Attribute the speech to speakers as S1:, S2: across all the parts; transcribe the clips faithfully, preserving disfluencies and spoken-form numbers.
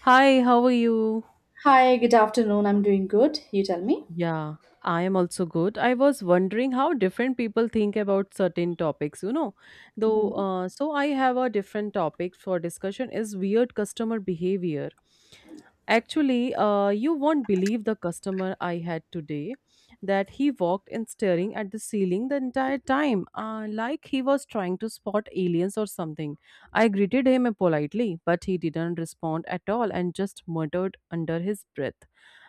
S1: Hi, how are you?
S2: Hi, good afternoon. I'm doing good. You tell me.
S1: Yeah, I am also good. I was wondering how different people think about certain topics, you know. Though,
S2: Mhm.
S1: uh, so I have a different topic for discussion is weird customer behavior. Actually, uh, you won't believe the customer I had today that he walked in staring at the ceiling the entire time, uh, like he was trying to spot aliens or something. I greeted him politely, but he didn't respond at all and just muttered under his breath.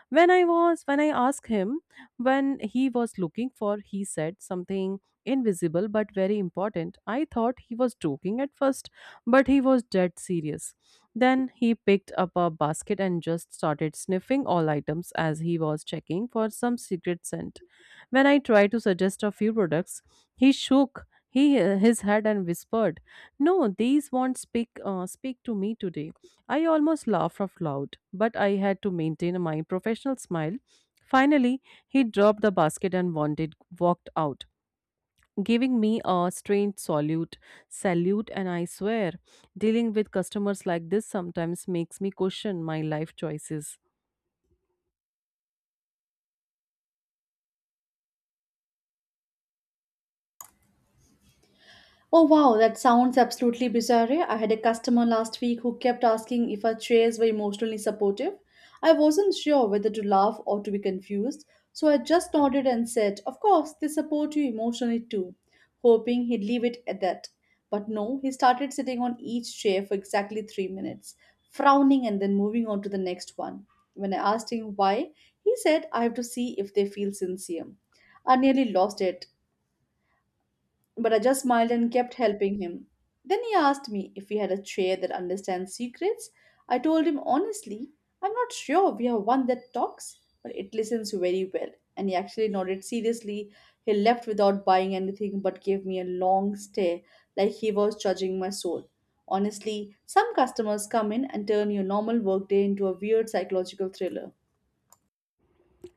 S1: when i was when i asked him when he was looking for, he said something invisible but very important. I thought he was joking at first, but he was dead serious. Then he picked up a basket and just started sniffing all items as he was checking for some secret scent. When I tried to suggest a few products, he shook he, uh, his head and whispered, "No, these won't speak, uh, speak to me today." I almost laughed out loud, but I had to maintain my professional smile. Finally, he dropped the basket and wanted, walked out, giving me a strange salute, salute, and I swear, dealing with customers like this sometimes makes me question my life choices.
S2: Oh wow, that sounds absolutely bizarre, eh? I had a customer last week who kept asking if our chairs were emotionally supportive. I wasn't sure whether to laugh or to be confused, so I just nodded and said, "Of course, they support you emotionally too," hoping he'd leave it at that. But no, he started sitting on each chair for exactly three minutes, frowning and then moving on to the next one. When I asked him why, he said, "I have to see if they feel sincere." I nearly lost it, but I just smiled and kept helping him. Then he asked me if we had a chair that understands secrets. I told him honestly, "I'm not sure we have one that talks, but it listens very well." And he actually nodded seriously. He left without buying anything but gave me a long stare like he was judging my soul. Honestly, some customers come in and turn your normal workday into a weird psychological thriller.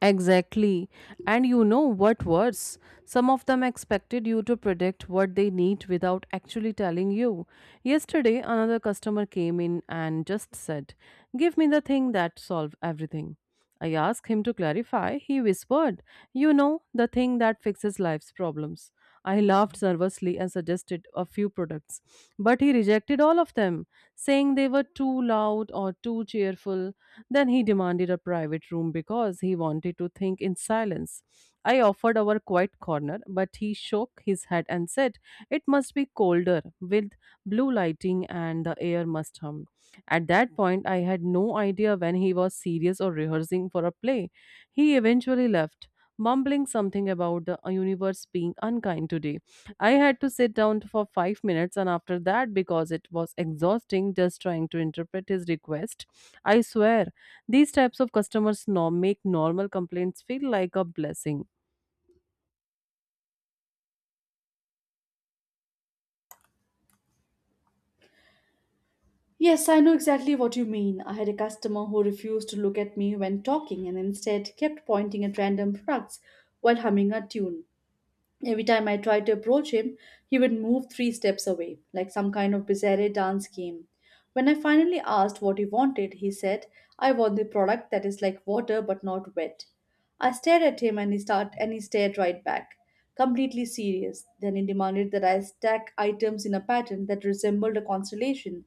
S1: Exactly. And you know what worse? Some of them expected you to predict what they need without actually telling you. Yesterday, another customer came in and just said, "Give me the thing that solves everything." I asked him to clarify. He whispered, "You know, the thing that fixes life's problems." I laughed nervously and suggested a few products, but he rejected all of them, saying they were too loud or too cheerful. Then he demanded a private room because he wanted to think in silence. I offered our quiet corner, but he shook his head and said, "It must be colder, with blue lighting, and the air must hum." At that point, I had no idea when he was serious or rehearsing for a play. He eventually left, mumbling something about the universe being unkind today. I had to sit down for five minutes, and after that, because it was exhausting just trying to interpret his request, I swear these types of customers norm make normal complaints feel like a blessing.
S2: Yes, I know exactly what you mean. I had a customer who refused to look at me when talking and instead kept pointing at random products while humming a tune. Every time I tried to approach him, he would move three steps away, like some kind of bizarre dance game. When I finally asked what he wanted, he said, "I want the product that is like water but not wet." I stared at him and he start and he stared right back, completely serious. Then he demanded that I stack items in a pattern that resembled a constellation.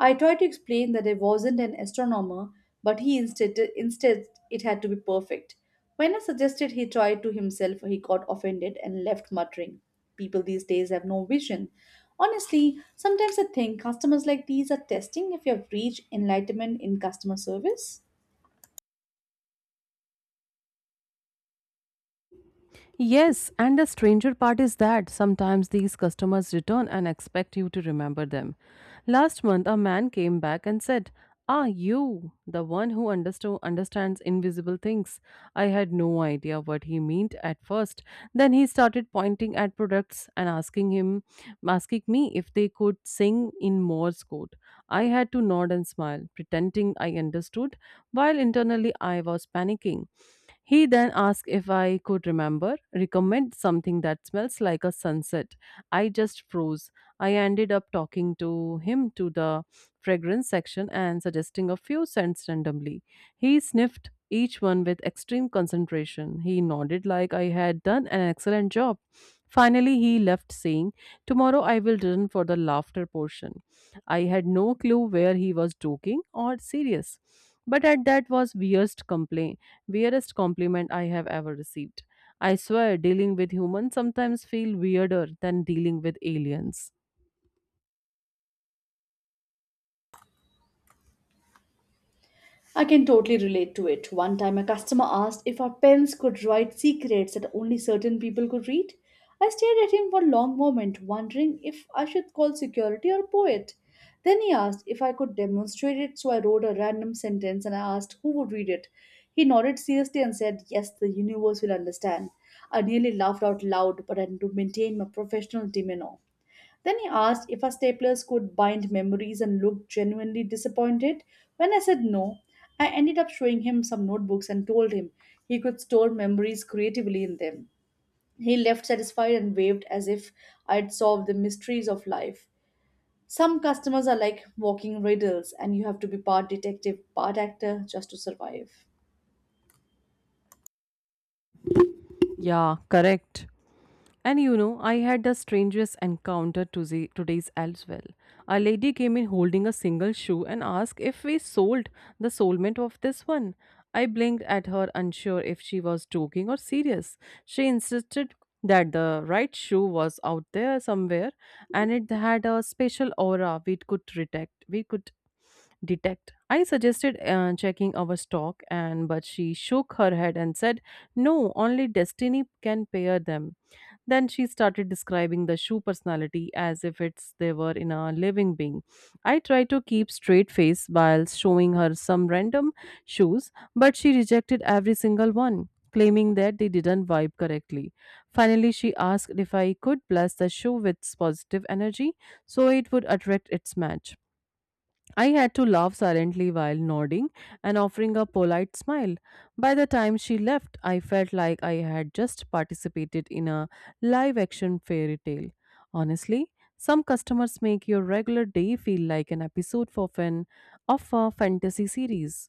S2: I tried to explain that I wasn't an astronomer, but he instead instead it had to be perfect. When I suggested he try it to himself, he got offended and left muttering, "People these days have no vision." Honestly, sometimes I think customers like these are testing if you have reached enlightenment in customer service.
S1: Yes, and the stranger part is that sometimes these customers return and expect you to remember them. Last month, a man came back and said, "Ah, you, the one who understo- understands invisible things." I had no idea what he meant at first. Then he started pointing at products and asking him, asking me if they could sing in Morse code. I had to nod and smile, pretending I understood, while internally I was panicking. He then asked if I could remember, recommend something that smells like a sunset. I just froze. I ended up talking to him to the fragrance section and suggesting a few scents randomly. He sniffed each one with extreme concentration. He nodded like I had done an excellent job. Finally, he left saying, "Tomorrow I will return for the laughter portion." I had no clue where he was joking or serious. But at that was weirdest complaint weirdest compliment I have ever received. I swear, dealing with humans sometimes feel weirder than dealing with aliens.
S2: I can totally relate to it. One time, a customer asked if our pens could write secrets that only certain people could read. I stared at him for a long moment, wondering if I should call security or poet. Then he asked if I could demonstrate it, so I wrote a random sentence and I asked who would read it. He nodded seriously and said, "Yes, the universe will understand." I nearly laughed out loud, but I had to maintain my professional demeanor. Then he asked if our staplers could bind memories and looked genuinely disappointed. When I said no, I ended up showing him some notebooks and told him he could store memories creatively in them. He left satisfied and waved as if I had solved the mysteries of life. Some customers are like walking riddles, and you have to be part detective, part actor just to survive.
S1: Yeah, correct. And you know, I had the strangest encounter to the, today's as well. A lady came in holding a single shoe and asked if we sold the soulmate of this one. I blinked at her, unsure if she was joking or serious. She insisted that the right shoe was out there somewhere and it had a special aura we could detect. We could detect. I suggested uh, checking our stock and but she shook her head and said, "No, only destiny can pair them." Then she started describing the shoe personality as if it's they were in a living being. I tried to keep straight face while showing her some random shoes, but she rejected every single one, claiming that they didn't vibe correctly. Finally, she asked if I could bless the shoe with positive energy so it would attract its match. I had to laugh silently while nodding and offering a polite smile. By the time she left, I felt like I had just participated in a live action fairy tale. Honestly, some customers make your regular day feel like an episode of, an, of a fantasy series.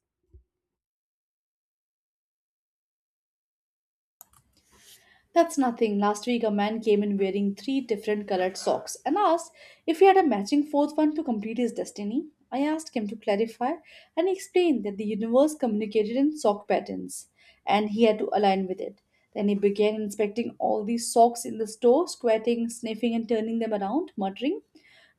S2: That's nothing. Last week, a man came in wearing three different colored socks and asked if he had a matching fourth one to complete his destiny. I asked him to clarify, and he explained that the universe communicated in sock patterns and he had to align with it. Then he began inspecting all these socks in the store, squatting, sniffing, and turning them around, muttering,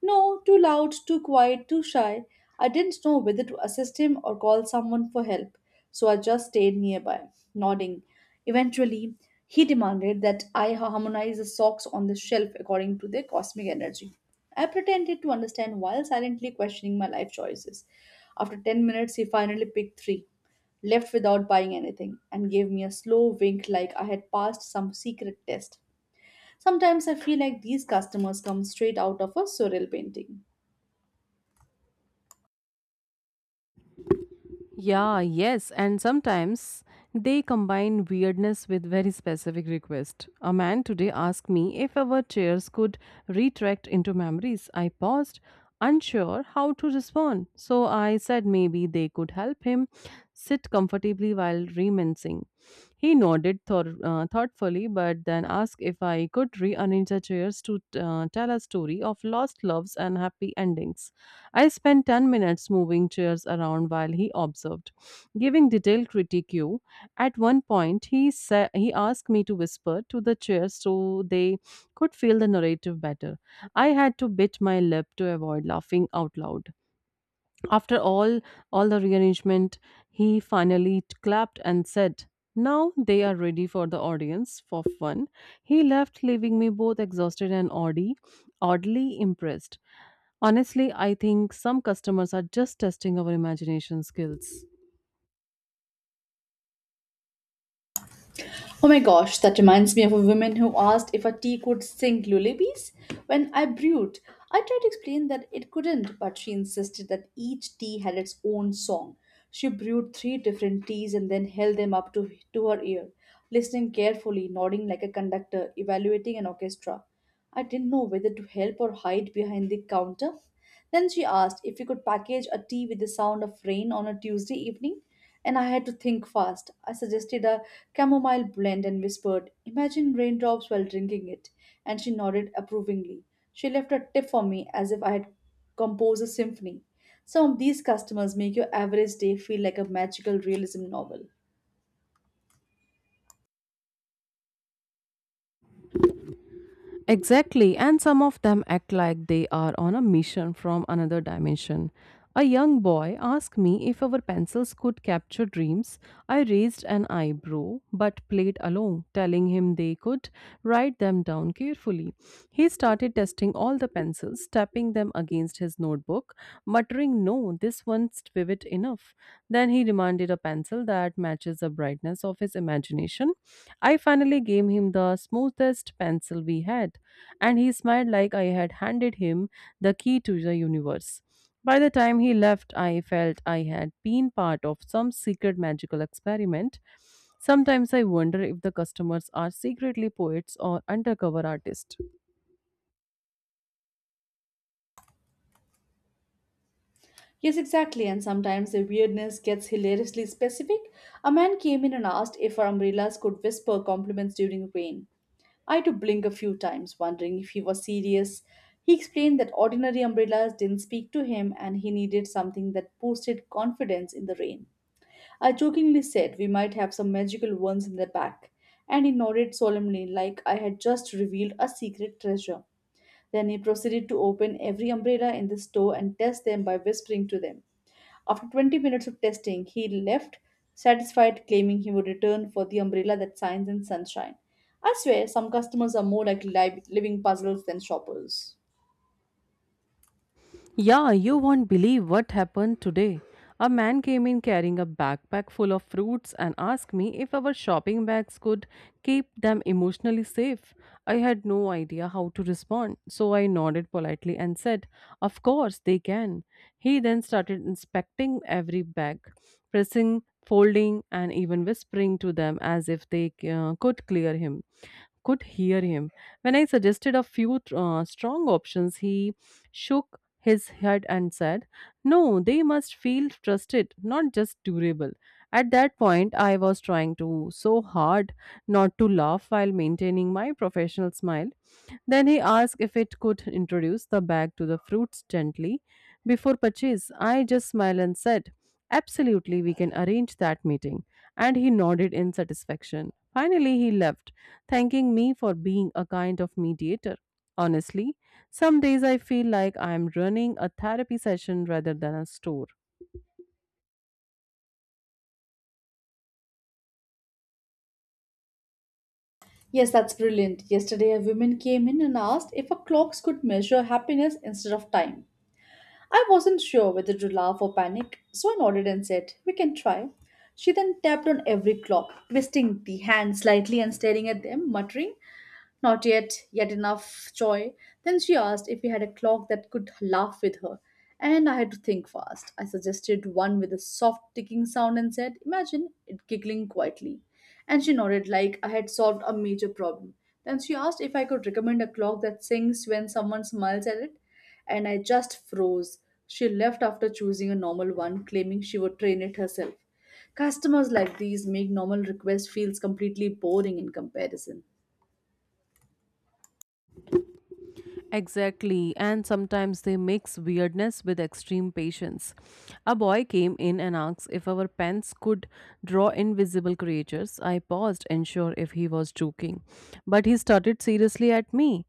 S2: "No, too loud, too quiet, too shy." I didn't know whether to assist him or call someone for help, so I just stayed nearby, nodding. Eventually, he demanded that I harmonize the socks on the shelf according to their cosmic energy. I pretended to understand while silently questioning my life choices. After ten minutes, he finally picked three, left without buying anything, and gave me a slow wink like I had passed some secret test. Sometimes I feel like these customers come straight out of a surreal painting.
S1: Yeah, yes, and sometimes they combine weirdness with very specific request. A man today asked me if our chairs could retract into memories. I paused, unsure how to respond. So I said maybe they could help him sit comfortably while reminiscing. He nodded thor- uh, thoughtfully, but then asked if I could re our ninja chairs to uh, tell a story of lost loves and happy endings. I spent ten minutes moving chairs around while he observed, giving detailed critique. At one point, he, sa- he asked me to whisper to the chairs so they could feel the narrative better. I had to bit my lip to avoid laughing out loud. After all, all the rearrangement, he finally t- clapped and said, "Now they are ready for the audience for fun." He left, leaving me both exhausted and oddly, oddly impressed. Honestly, I think some customers are just testing our imagination skills.
S2: Oh my gosh, that reminds me of a woman who asked if a tea could sing lullabies when I brewed. I tried to explain that it couldn't, but she insisted that each tea had its own song. She brewed three different teas and then held them up to, to her ear, listening carefully, nodding like a conductor, evaluating an orchestra. I didn't know whether to help or hide behind the counter. Then she asked if we could package a tea with the sound of rain on a Tuesday evening, and I had to think fast. I suggested a chamomile blend and whispered, "Imagine raindrops while drinking it," and she nodded approvingly. She left a tip for me as if I had composed a symphony. Some of these customers make your average day feel like a magical realism novel.
S1: Exactly, and some of them act like they are on a mission from another dimension. A young boy asked me if our pencils could capture dreams. I raised an eyebrow but played along, telling him they could write them down carefully carefully, he started testing all the pencils, tapping them against his notebook, muttering, "No, this one's vivid enough." Then he demanded a pencil that matches the brightness of his imagination. I finally gave him the smoothest pencil we had, and he smiled like I had handed him the key to the universe. By the time he left, I felt I had been part of some secret magical experiment. Sometimes I wonder if the customers are secretly poets or undercover artists.
S2: Yes, exactly, and sometimes the weirdness gets hilariously specific. A man came in and asked if our umbrellas could whisper compliments during rain. I had to blink a few times, wondering if he was serious. He explained that ordinary umbrellas didn't speak to him and he needed something that boosted confidence in the rain. I jokingly said we might have some magical ones in the back, and he nodded solemnly like I had just revealed a secret treasure. Then he proceeded to open every umbrella in the store and test them by whispering to them. After twenty minutes of testing, he left satisfied, claiming he would return for the umbrella that shines in sunshine. I swear, some customers are more like li- living puzzles than shoppers.
S1: Yeah, you won't believe what happened today. A man came in carrying a backpack full of fruits and asked me if our shopping bags could keep them emotionally safe. I had no idea how to respond, so I nodded politely and said, "Of course, they can." He then started inspecting every bag, pressing, folding, and even whispering to them as if they uh, could clear him could hear him. When I suggested a few uh, strong options, he shook his head and said, "No, they must feel trusted, not just durable." At that point, I was trying to so hard not to laugh while maintaining my professional smile. Then he asked if it could introduce the bag to the fruits gently before purchase. I just smiled and said, "Absolutely, we can arrange that meeting." And he nodded in satisfaction. Finally, he left, thanking me for being a kind of mediator. Honestly, some days I feel like I am running a therapy session rather than a store.
S2: Yes, that's brilliant. Yesterday, a woman came in and asked if our clocks could measure happiness instead of time. I wasn't sure whether to laugh or panic, so I nodded and said, "We can try." She then tapped on every clock, twisting the hand slightly and staring at them, muttering, "Not yet, yet enough joy." Then she asked if we had a clock that could laugh with her, and I had to think fast. I suggested one with a soft ticking sound and said, "Imagine it giggling quietly," and she nodded like I had solved a major problem. Then she asked if I could recommend a clock that sings when someone smiles at it, and I just froze. She left after choosing a normal one, claiming she would train it herself. Customers like these make normal requests feels completely boring in comparison.
S1: Exactly, and sometimes they mix weirdness with extreme patience. A boy came in and asked if our pens could draw invisible creatures. I paused, unsure if he was joking, but he started seriously at me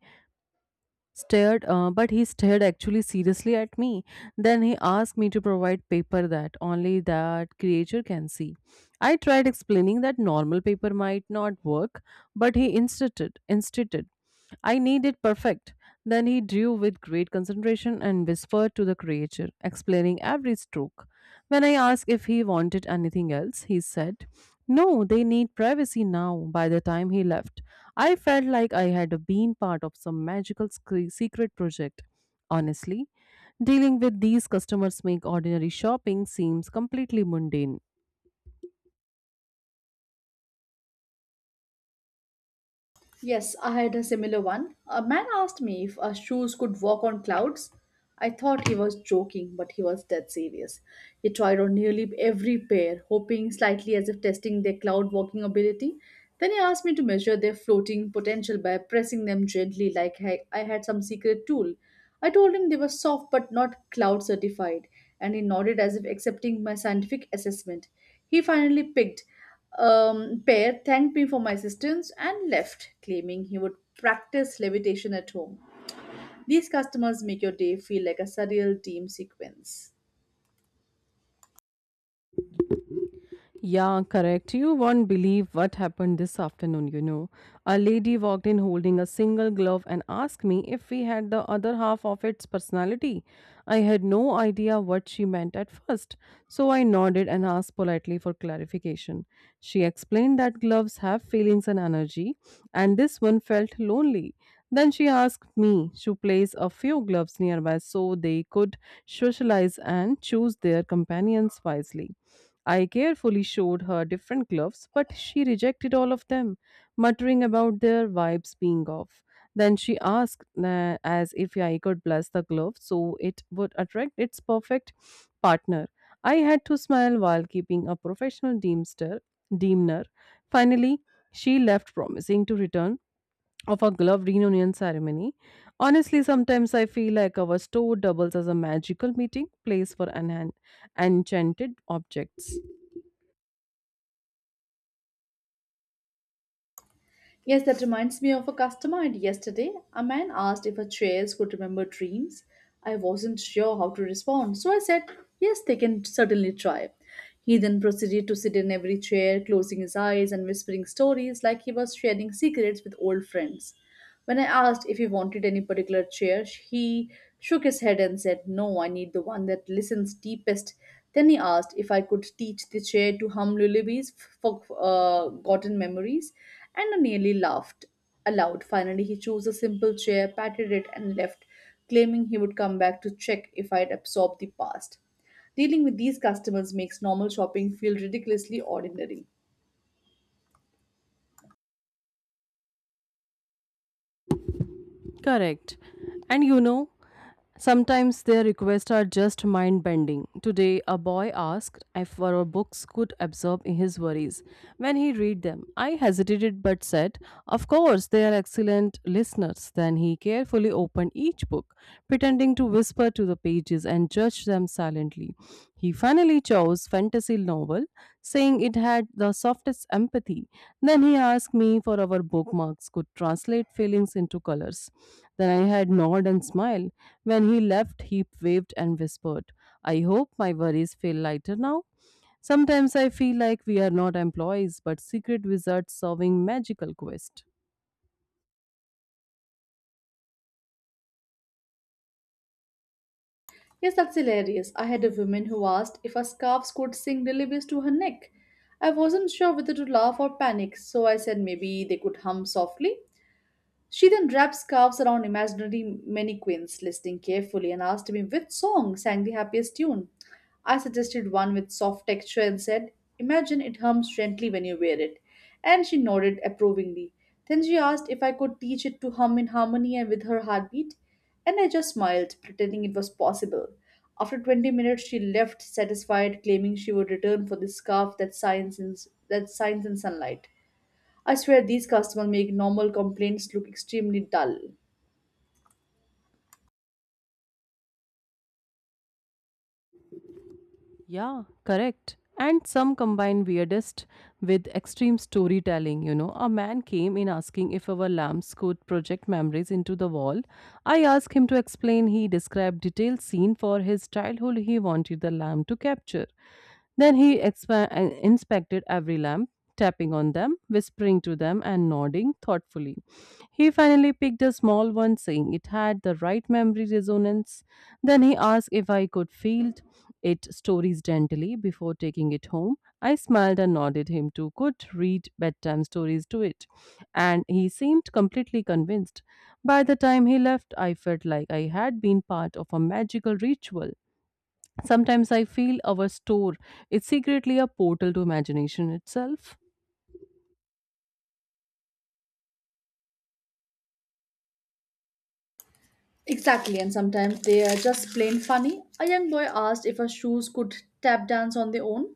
S1: stared uh, but he stared actually seriously at me. Then he asked me to provide paper that only that creature can see. I tried explaining that normal paper might not work, but he insisted insisted "I need it perfect." Then he drew with great concentration and whispered to the creature, explaining every stroke. When I asked if he wanted anything else, he said, "No, they need privacy now." By the time he left, I felt like I had been part of some magical sc- secret project. Honestly, dealing with these customers make ordinary shopping seems completely mundane.
S2: Yes, I had a similar one. A man asked me if our shoes could walk on clouds. I thought he was joking, but he was dead serious. He tried on nearly every pair, hoping slightly as if testing their cloud walking ability. Then he asked me to measure their floating potential by pressing them gently like I I had some secret tool. I told him they were soft but not cloud certified, and he nodded as if accepting my scientific assessment. He finally picked um, Pear, thanked me for my assistance and left, claiming he would practice levitation at home. These customers make your day feel like a surreal team sequence.
S1: Yeah, correct. You won't believe what happened this afternoon, you know. A lady walked in holding a single glove and asked me if we had the other half of its personality. I had no idea what she meant at first, so I nodded and asked politely for clarification. She explained that gloves have feelings and energy, and this one felt lonely. Then she asked me to place a few gloves nearby so they could socialize and choose their companions wisely. I carefully showed her different gloves, but she rejected all of them, muttering about their vibes being off. Then she asked uh, as if I could bless the glove so it would attract its perfect partner. I had to smile while keeping a professional deemster, demeanor. Finally, she left, promising to return of a glove reunion ceremony. Honestly, sometimes I feel like our store doubles as a magical meeting place for an enchanted objects.
S2: Yes, that reminds me of a customer I had yesterday. A man asked if her chairs could remember dreams. I wasn't sure how to respond, so I said, "Yes, they can certainly try." He then proceeded to sit in every chair, closing his eyes and whispering stories like he was sharing secrets with old friends. When I asked if he wanted any particular chair, he shook his head and said, "No, I need the one that listens deepest." Then he asked if I could teach the chair to hum lullabies for uh, gotten memories, and I nearly laughed aloud. Finally, he chose a simple chair, patted it, and left, claiming he would come back to check if I had absorbed the past. Dealing with these customers makes normal shopping feel ridiculously ordinary.
S1: Correct. And you know, sometimes their requests are just mind bending. Today, a boy asked if our books could absorb his worries when he read them. I hesitated but said, "Of course, they are excellent listeners." Then he carefully opened each book, pretending to whisper to the pages and judge them silently. He finally chose fantasy novel saying it had the softest empathy. Then he asked me for our bookmarks could translate feelings into colors. Then I had nod and smile. When he left, he waved and whispered, I hope my worries feel lighter now. Sometimes I feel like we are not employees but secret wizards solving magical quest.
S2: Yes, that's hilarious. I had a woman who asked if our scarves could sing lullabies to her neck. I wasn't sure whether to laugh or panic, so I said maybe they could hum softly. She then wrapped scarves around imaginary mannequins, listening carefully, and asked me which song sang the happiest tune. I suggested one with soft texture and said, "Imagine it hums gently when you wear it," and she nodded approvingly. Then she asked if I could teach it to hum in harmony and with her heartbeat, and I just smiled, pretending it was possible. After twenty minutes, she left satisfied, claiming she would return for the scarf that shines in, that shines in sunlight. I swear these customers make normal complaints look extremely dull.
S1: Yeah, correct. And some combine weirdest with extreme storytelling. You know, a man came in asking if our lamps could project memories into the wall. I asked him to explain. He described detailed scene for his childhood he wanted the lamp to capture. Then he expa- uh, inspected every lamp, tapping on them, whispering to them, and nodding thoughtfully. He finally picked a small one, saying it had the right memory resonance. Then he asked if I could feel it stories gently before taking it home. I smiled and nodded him to could read bedtime stories to it, and he seemed completely convinced. By the time he left, I felt like I had been part of a magical ritual. Sometimes I feel our store is secretly a portal to imagination itself.
S2: Exactly, and sometimes they are just plain funny. A young boy asked if our shoes could tap dance on their own.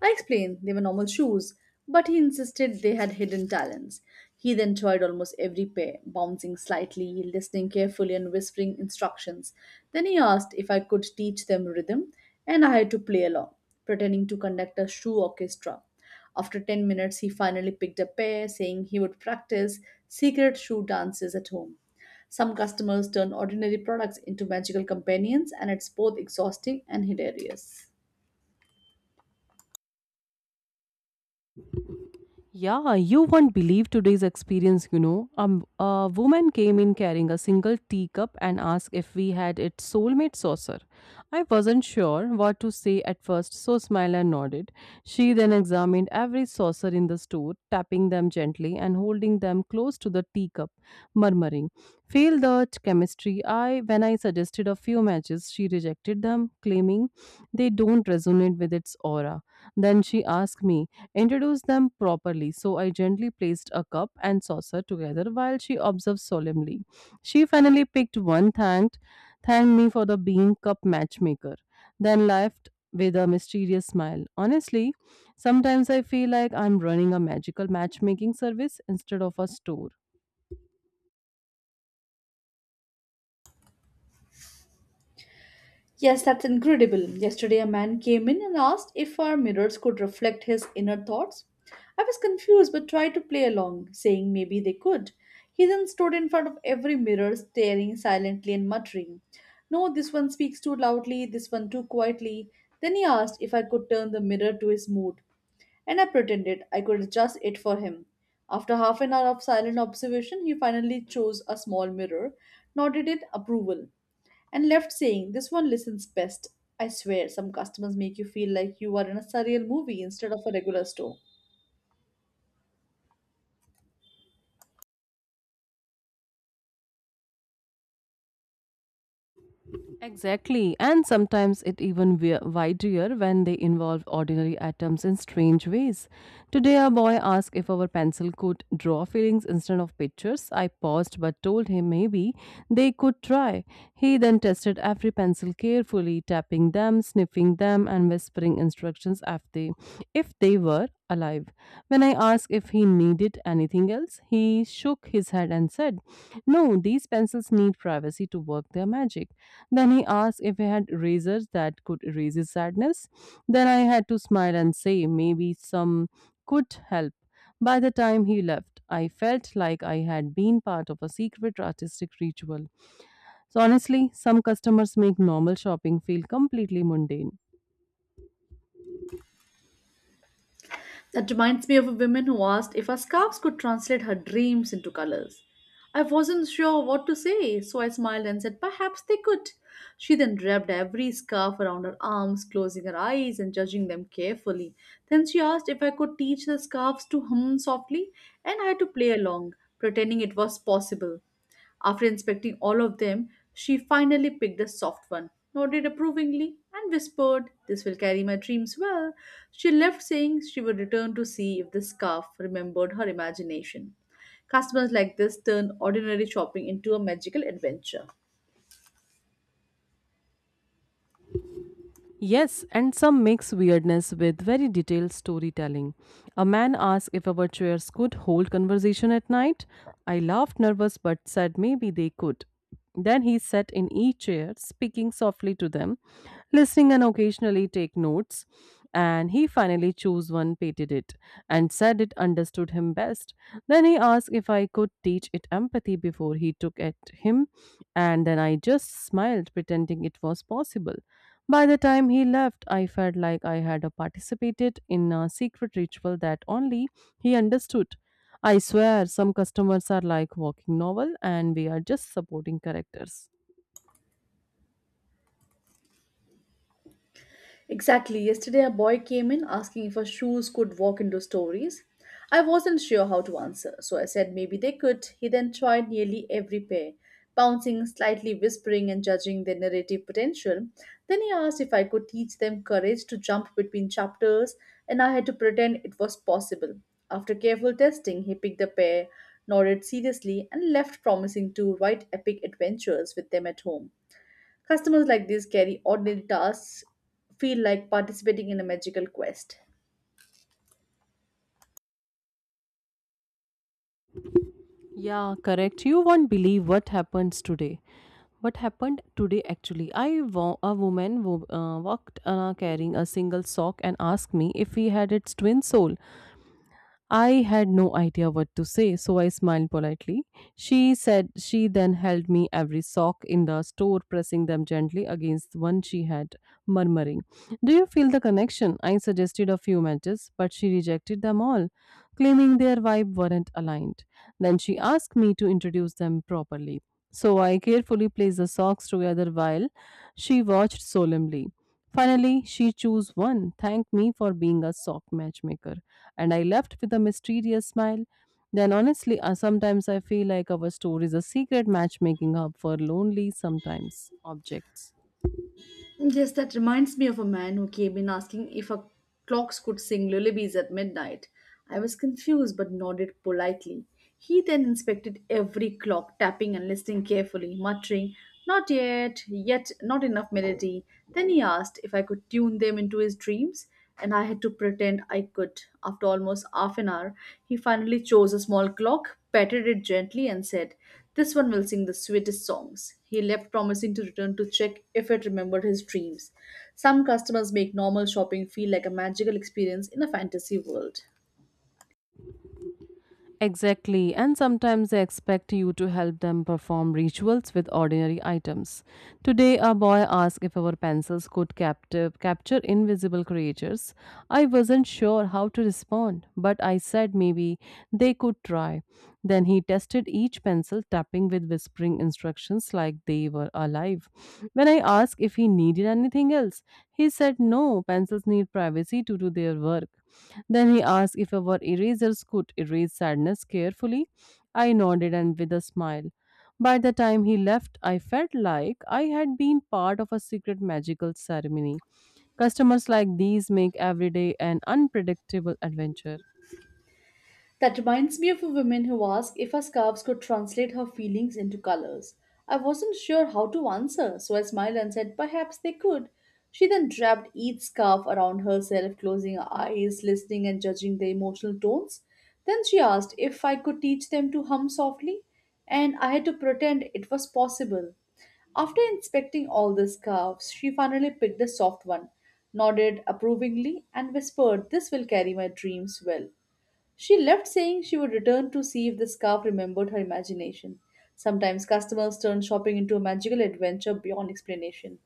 S2: I explained they were normal shoes, but he insisted they had hidden talents. He then tried almost every pair, bouncing slightly, listening carefully, and whispering instructions. Then he asked if I could teach them rhythm, and I had to play along, pretending to conduct a shoe orchestra. After ten minutes, he finally picked a pair, saying he would practice secret shoe dances at home. Some customers turn ordinary products into magical companions, and it's both exhausting and hilarious.
S1: Yeah, you won't believe today's experience, you know. Um, A woman came in carrying a single teacup and asked if we had its soulmate saucer. I wasn't sure what to say at first, so smiled and nodded. She then examined every saucer in the store, tapping them gently and holding them close to the teacup, murmuring, Fail the ch- chemistry. I when I suggested a few matches, she rejected them, claiming they don't resonate with its aura. Then she asked me introduced them properly, so I gently placed a cup and saucer together while she observed solemnly. She finally picked one, thanked, thanked me for the being cup matchmaker, then left with a mysterious smile. Honestly, sometimes I feel like I'm running a magical matchmaking service instead of a store.
S2: Yes, that's incredible. Yesterday, a man came in and asked if our mirrors could reflect his inner thoughts. I was confused but tried to play along, saying maybe they could. He then stood in front of every mirror, staring silently and muttering, No, this one speaks too loudly, this one too quietly. Then he asked if I could turn the mirror to his mood, and I pretended I could adjust it for him. After half an hour of silent observation, he finally chose a small mirror, nodded in approval, and left saying, This one listens best. I swear, some customers make you feel like you are in a surreal movie instead of a regular store.
S1: Exactly, and sometimes it even wi- wider when they involve ordinary atoms in strange ways. Today, a boy asked if our pencil could draw feelings instead of pictures. I paused but told him maybe they could try. He then tested every pencil carefully, tapping them, sniffing them, and whispering instructions if they, if they were alive. When I asked if he needed anything else, he shook his head and said, No, these pencils need privacy to work their magic. Then he asked if I had razors that could erase his sadness. Then I had to smile and say maybe some could help. By the time he left, I felt like I had been part of a secret artistic ritual. So, honestly, some customers make normal shopping feel completely mundane.
S2: That reminds me of a woman who asked if her scarves could translate her dreams into colors. I wasn't sure what to say, so I smiled and said, Perhaps they could. She then wrapped every scarf around her arms, closing her eyes and judging them carefully. Then she asked if I could teach the scarves to hum softly, and I had to play along, pretending it was possible. After inspecting all of them, she finally picked a soft one, nodded approvingly, and whispered, This will carry my dreams well. She left saying she would return to see if the scarf remembered her imagination. Customers like this turn ordinary shopping into a magical adventure.
S1: Yes, and some mix weirdness with very detailed storytelling. A man asked if our chairs could hold conversation at night. I laughed nervous but said maybe they could. Then he sat in each chair, speaking softly to them, listening and occasionally take notes. And he finally chose one, pated it, and said it understood him best. Then he asked if I could teach it empathy before he took at him, and then I just smiled, pretending it was possible. By the time he left, I felt like I had participated in a secret ritual that only he understood. I swear, some customers are like walking novel and we are just supporting characters.
S2: Exactly. Yesterday, a boy came in asking if our shoes could walk into stories. I wasn't sure how to answer, so I said maybe they could. He then tried nearly every pair, bouncing, slightly whispering, and judging their narrative potential. Then he asked if I could teach them courage to jump between chapters, and I had to pretend it was possible. After careful testing, he picked a pair, nodded seriously, and left, promising to write epic adventures with them at home. Customers like this carry ordinary tasks, feel like participating in a magical quest.
S1: Yeah, correct. You won't believe what happens today. What happened today actually? I wa- a woman wo- uh, walked uh, carrying a single sock and asked me if we had its twin soul. I had no idea what to say, so I smiled politely. She said she then held me every sock in the store, pressing them gently against the one she had, murmuring, Do you feel the connection? I suggested a few matches, but she rejected them all, claiming their vibe weren't aligned. Then she asked me to introduce them properly. So I carefully placed the socks together while she watched solemnly. Finally, she chose one, thanked me for being a sock matchmaker, and I left with a mysterious smile. Then, honestly, uh, sometimes I feel like our store is a secret matchmaking hub for lonely, sometimes objects.
S2: Yes, that reminds me of a man who came in asking if our clocks could sing lullabies at midnight. I was confused but nodded politely. He then inspected every clock, tapping and listening carefully, muttering, Not yet, yet not enough melody. Then he asked if I could tune them into his dreams, and I had to pretend I could. After almost half an hour, he finally chose a small clock, patted it gently, and said, This one will sing the sweetest songs. He left, promising to return to check if it remembered his dreams. Some customers make normal shopping feel like a magical experience in a fantasy world.
S1: Exactly, and sometimes they expect you to help them perform rituals with ordinary items. Today, a boy asked if our pencils could captive, capture invisible creatures. I wasn't sure how to respond, but I said maybe they could try. Then he tested each pencil, tapping with whispering instructions like they were alive. When I asked if he needed anything else, he said no, pencils need privacy to do their work. Then he asked if our erasers could erase sadness carefully. I nodded and with a smile. By the time he left, I felt like I had been part of a secret magical ceremony. Customers like these make every day an unpredictable adventure.
S2: That reminds me of a woman who asked if her scarves could translate her feelings into colors. I wasn't sure how to answer, so I smiled and said perhaps they could. She then wrapped each scarf around herself, closing her eyes, listening and judging the emotional tones. Then she asked if I could teach them to hum softly, and I had to pretend it was possible. After inspecting all the scarves, she finally picked a soft one, nodded approvingly, and whispered, This will carry my dreams well. She left saying she would return to see if the scarf remembered her imagination. Sometimes customers turn shopping into a magical adventure beyond explanation.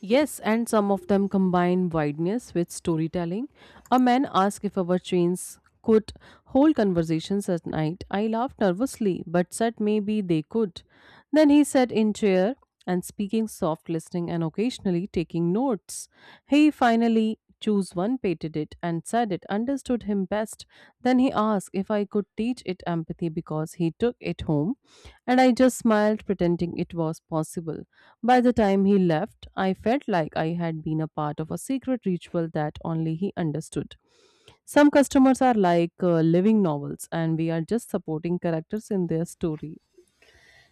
S1: Yes, and some of them combine wideness with storytelling. A man asked if our trains could hold conversations at night. I laughed nervously, but said maybe they could. Then he sat in chair and speaking soft listening and occasionally taking notes. He finally chose one, pated it, and said it understood him best. Then he asked if I could teach it empathy because he took it home, and I just smiled, pretending it was possible. By the time he left, I felt like I had been a part of a secret ritual that only he understood. Some customers are like uh, living novels, and we are just supporting characters in their story.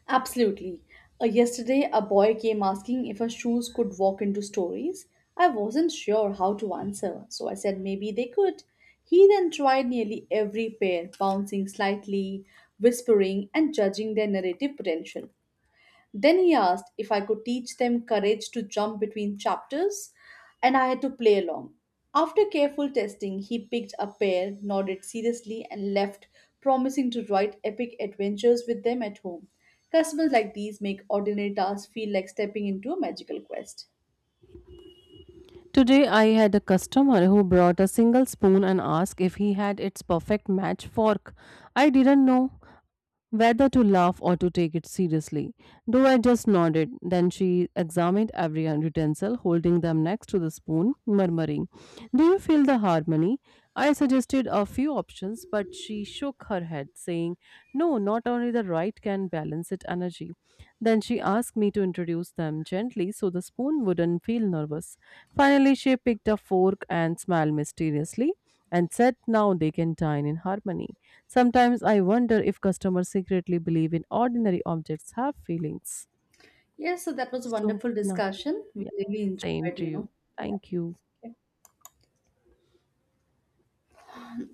S2: Absolutely. Uh, yesterday, a boy came asking if her shoes could walk into stories. I wasn't sure how to answer, so I said maybe they could. He then tried nearly every pair, bouncing slightly, whispering, and judging their narrative potential. Then he asked if I could teach them courage to jump between chapters, and I had to play along. After careful testing, he picked a pair, nodded seriously, and left, promising to write epic adventures with them at home. Customers like these make ordinary tasks feel like stepping into a magical quest.
S1: Today I had a customer who brought a single spoon and asked if he had its perfect match fork. I didn't know whether to laugh or to take it seriously, though I just nodded. Then she examined every utensil, holding them next to the spoon, murmuring, Do you feel the harmony? I suggested a few options, but she shook her head, saying, No, not only the right can balance it energy. Then she asked me to introduce them gently so the spoon wouldn't feel nervous. Finally, she picked a fork and smiled mysteriously and said now they can dine in harmony. Sometimes I wonder if customers secretly believe in ordinary objects have feelings.
S2: Yes, so that was a
S1: So,
S2: wonderful
S1: no,
S2: discussion. We
S1: yeah,
S2: really
S1: same
S2: enjoyed,
S1: to
S2: you
S1: you.
S2: know. Yeah.
S1: Thank you.
S2: Okay.